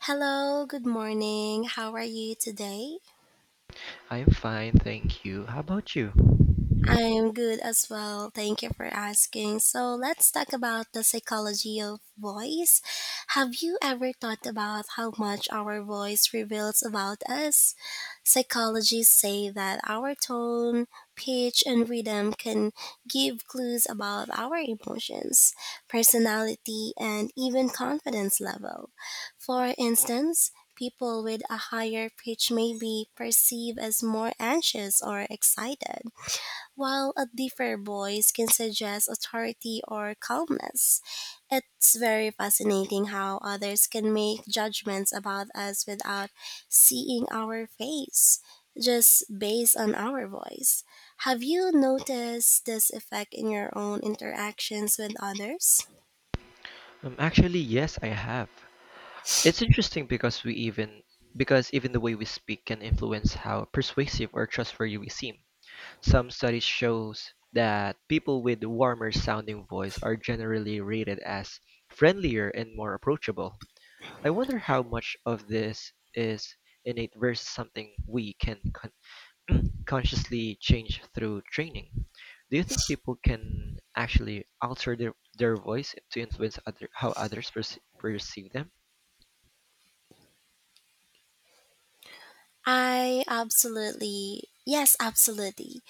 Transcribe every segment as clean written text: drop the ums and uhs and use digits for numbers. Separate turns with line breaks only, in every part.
Hello, good morning. How are you today?
I'm fine, thank you. How about you?
I'm good as well. Thank you for asking. So, let's talk about the psychology of voice. Have you ever thought about how much our voice reveals about us? Psychologists say that our tone, pitch, and rhythm can give clues about our emotions, personality, and even confidence level. For instance, people with a higher pitch may be perceived as more anxious or excited, while a deeper voice can suggest authority or calmness. It's very fascinating how others can make judgments about us without seeing our face, just based on our voice. Have you noticed this effect in your own interactions with others?
Actually, yes, I have. It's interesting because we even because even the way we speak can influence how persuasive or trustworthy we seem. Some studies shows that people with warmer sounding voice are generally rated as friendlier and more approachable. I wonder how much of this is innate versus something we can consciously change through training. Do you think people can actually alter their voice to influence other how others perceive them?
I absolutely, yes, absolutely.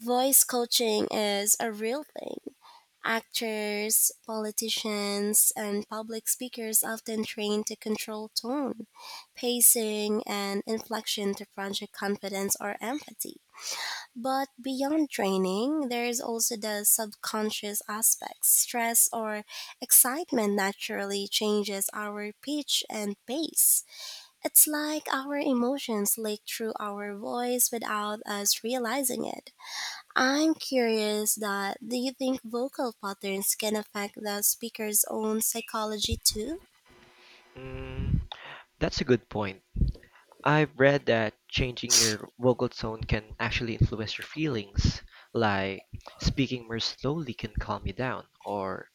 Voice coaching is a real thing. Actors, politicians, and public speakers often train to control tone, pacing, and inflection to project confidence or empathy. But beyond training, there is also the subconscious aspects. Stress or excitement naturally changes our pitch and pace. It's like our emotions leak through our voice without us realizing it. I'm curious that do you think vocal patterns can affect the speaker's own psychology too?
Mm, that's a good point. I've read that changing your vocal tone can actually influence your feelings, like speaking more slowly can calm you down, or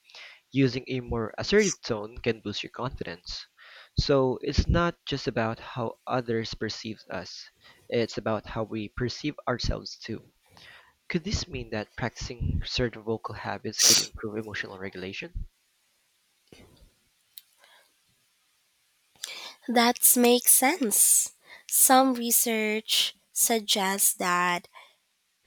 using a more assertive tone can boost your confidence. So it's not just about how others perceive us, it's about how we perceive ourselves too. Could this mean that practicing certain vocal habits could improve emotional regulation?
That makes sense. Some research suggests that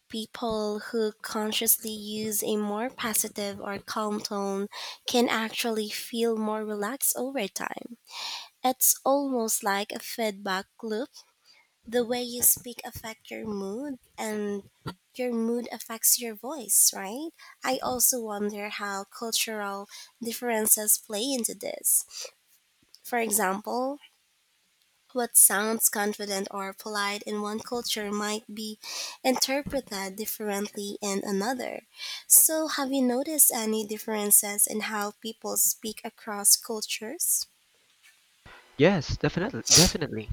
people who consciously use a more positive or calm tone can actually feel more relaxed over time. It's almost like a feedback loop, the way you speak affect your mood and your mood affects your voice, right? I also wonder how cultural differences play into this. For example, what sounds confident or polite in one culture might be interpreted differently in another. So, have you noticed any differences in how people speak across cultures?
Yes, definitely, definitely.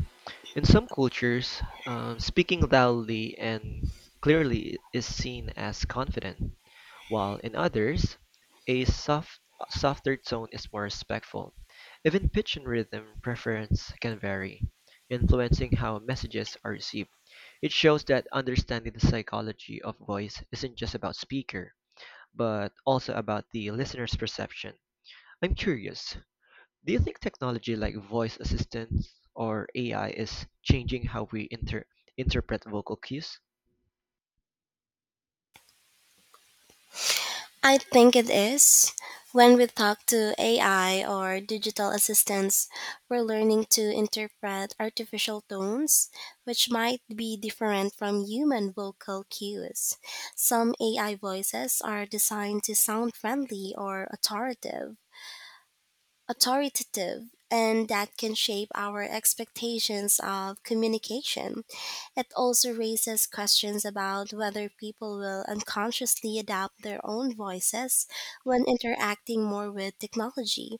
In some cultures, speaking loudly and clearly is seen as confident, while in others, a soft, softer tone is more respectful. Even pitch and rhythm preference can vary, influencing how messages are received. It shows that understanding the psychology of voice isn't just about speaker, but also about the listener's perception. I'm curious, do you think technology like voice assistants or AI is changing how we interpret vocal cues?
I think it is. When we talk to AI or digital assistants, we're learning to interpret artificial tones, which might be different from human vocal cues. Some AI voices are designed to sound friendly or authoritative, and that can shape our expectations of communication. It also raises questions about whether people will unconsciously adapt their own voices when interacting more with technology.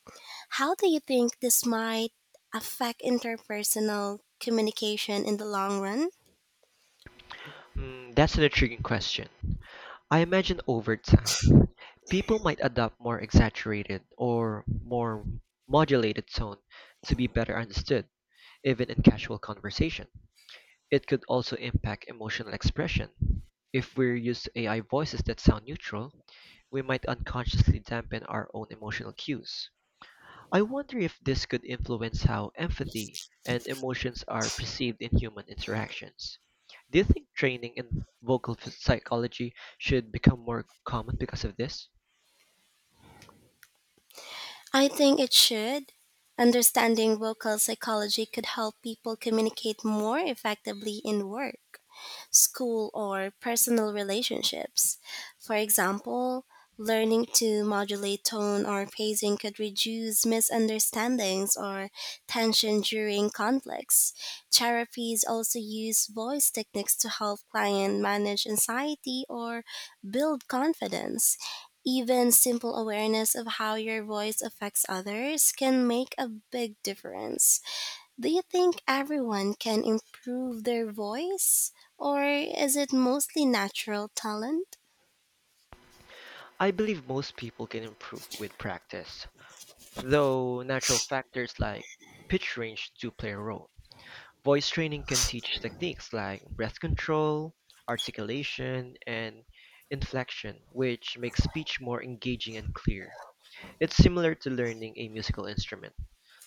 How do you think this might affect interpersonal communication in the long run?
Hmm, that's an intriguing question. I imagine over time, people might adopt more exaggerated or more modulated tone to be better understood, even in casual conversation. It could also impact emotional expression. If we're used to AI voices that sound neutral, we might unconsciously dampen our own emotional cues. I wonder if this could influence how empathy and emotions are perceived in human interactions. Do you think training in psychology should become more common because of this?
I think it should. Understanding vocal psychology could help people communicate more effectively in work, school, or personal relationships. For example, learning to modulate tone or pacing could reduce misunderstandings or tension during conflicts. Therapies also use voice techniques to help clients manage anxiety or build confidence. Even simple awareness of how your voice affects others can make a big difference. Do you think everyone can improve their voice, or is it mostly natural talent?
I believe most people can improve with practice, though natural factors like pitch range do play a role. Voice training can teach techniques like breath control, articulation, and inflection, which makes speech more engaging and clear. It's similar to learning a musical instrument.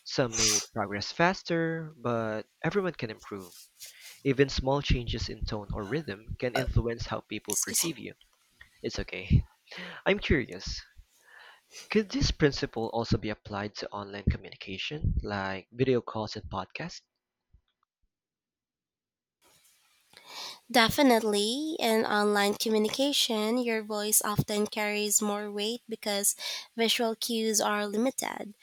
Some may progress faster, but everyone can improve. Even small changes in tone or rhythm can influence how people
Excuse me.
perceive you. It's okay. I'm curious. Could this principle also be applied to online communication, like video calls and podcasts?
Definitely, in online communication, your voice often carries more weight because visual cues are limited.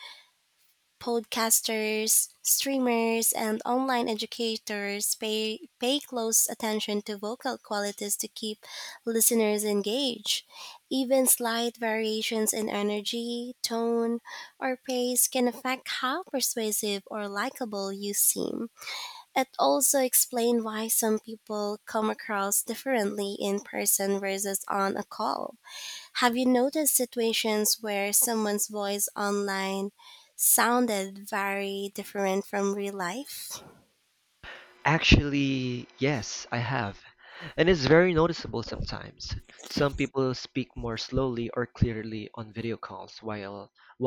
Podcasters, streamers, and online educators pay close attention to vocal qualities to keep listeners engaged. Even slight variations in energy, tone, or pace can affect how persuasive or likable you seem. It also explains why some people come across differently in person versus on a call. Have you noticed situations where someone's voice online sounded very different from real life?
Actually, yes, I have. And it's very noticeable sometimes. Some people speak more slowly or clearly on video calls while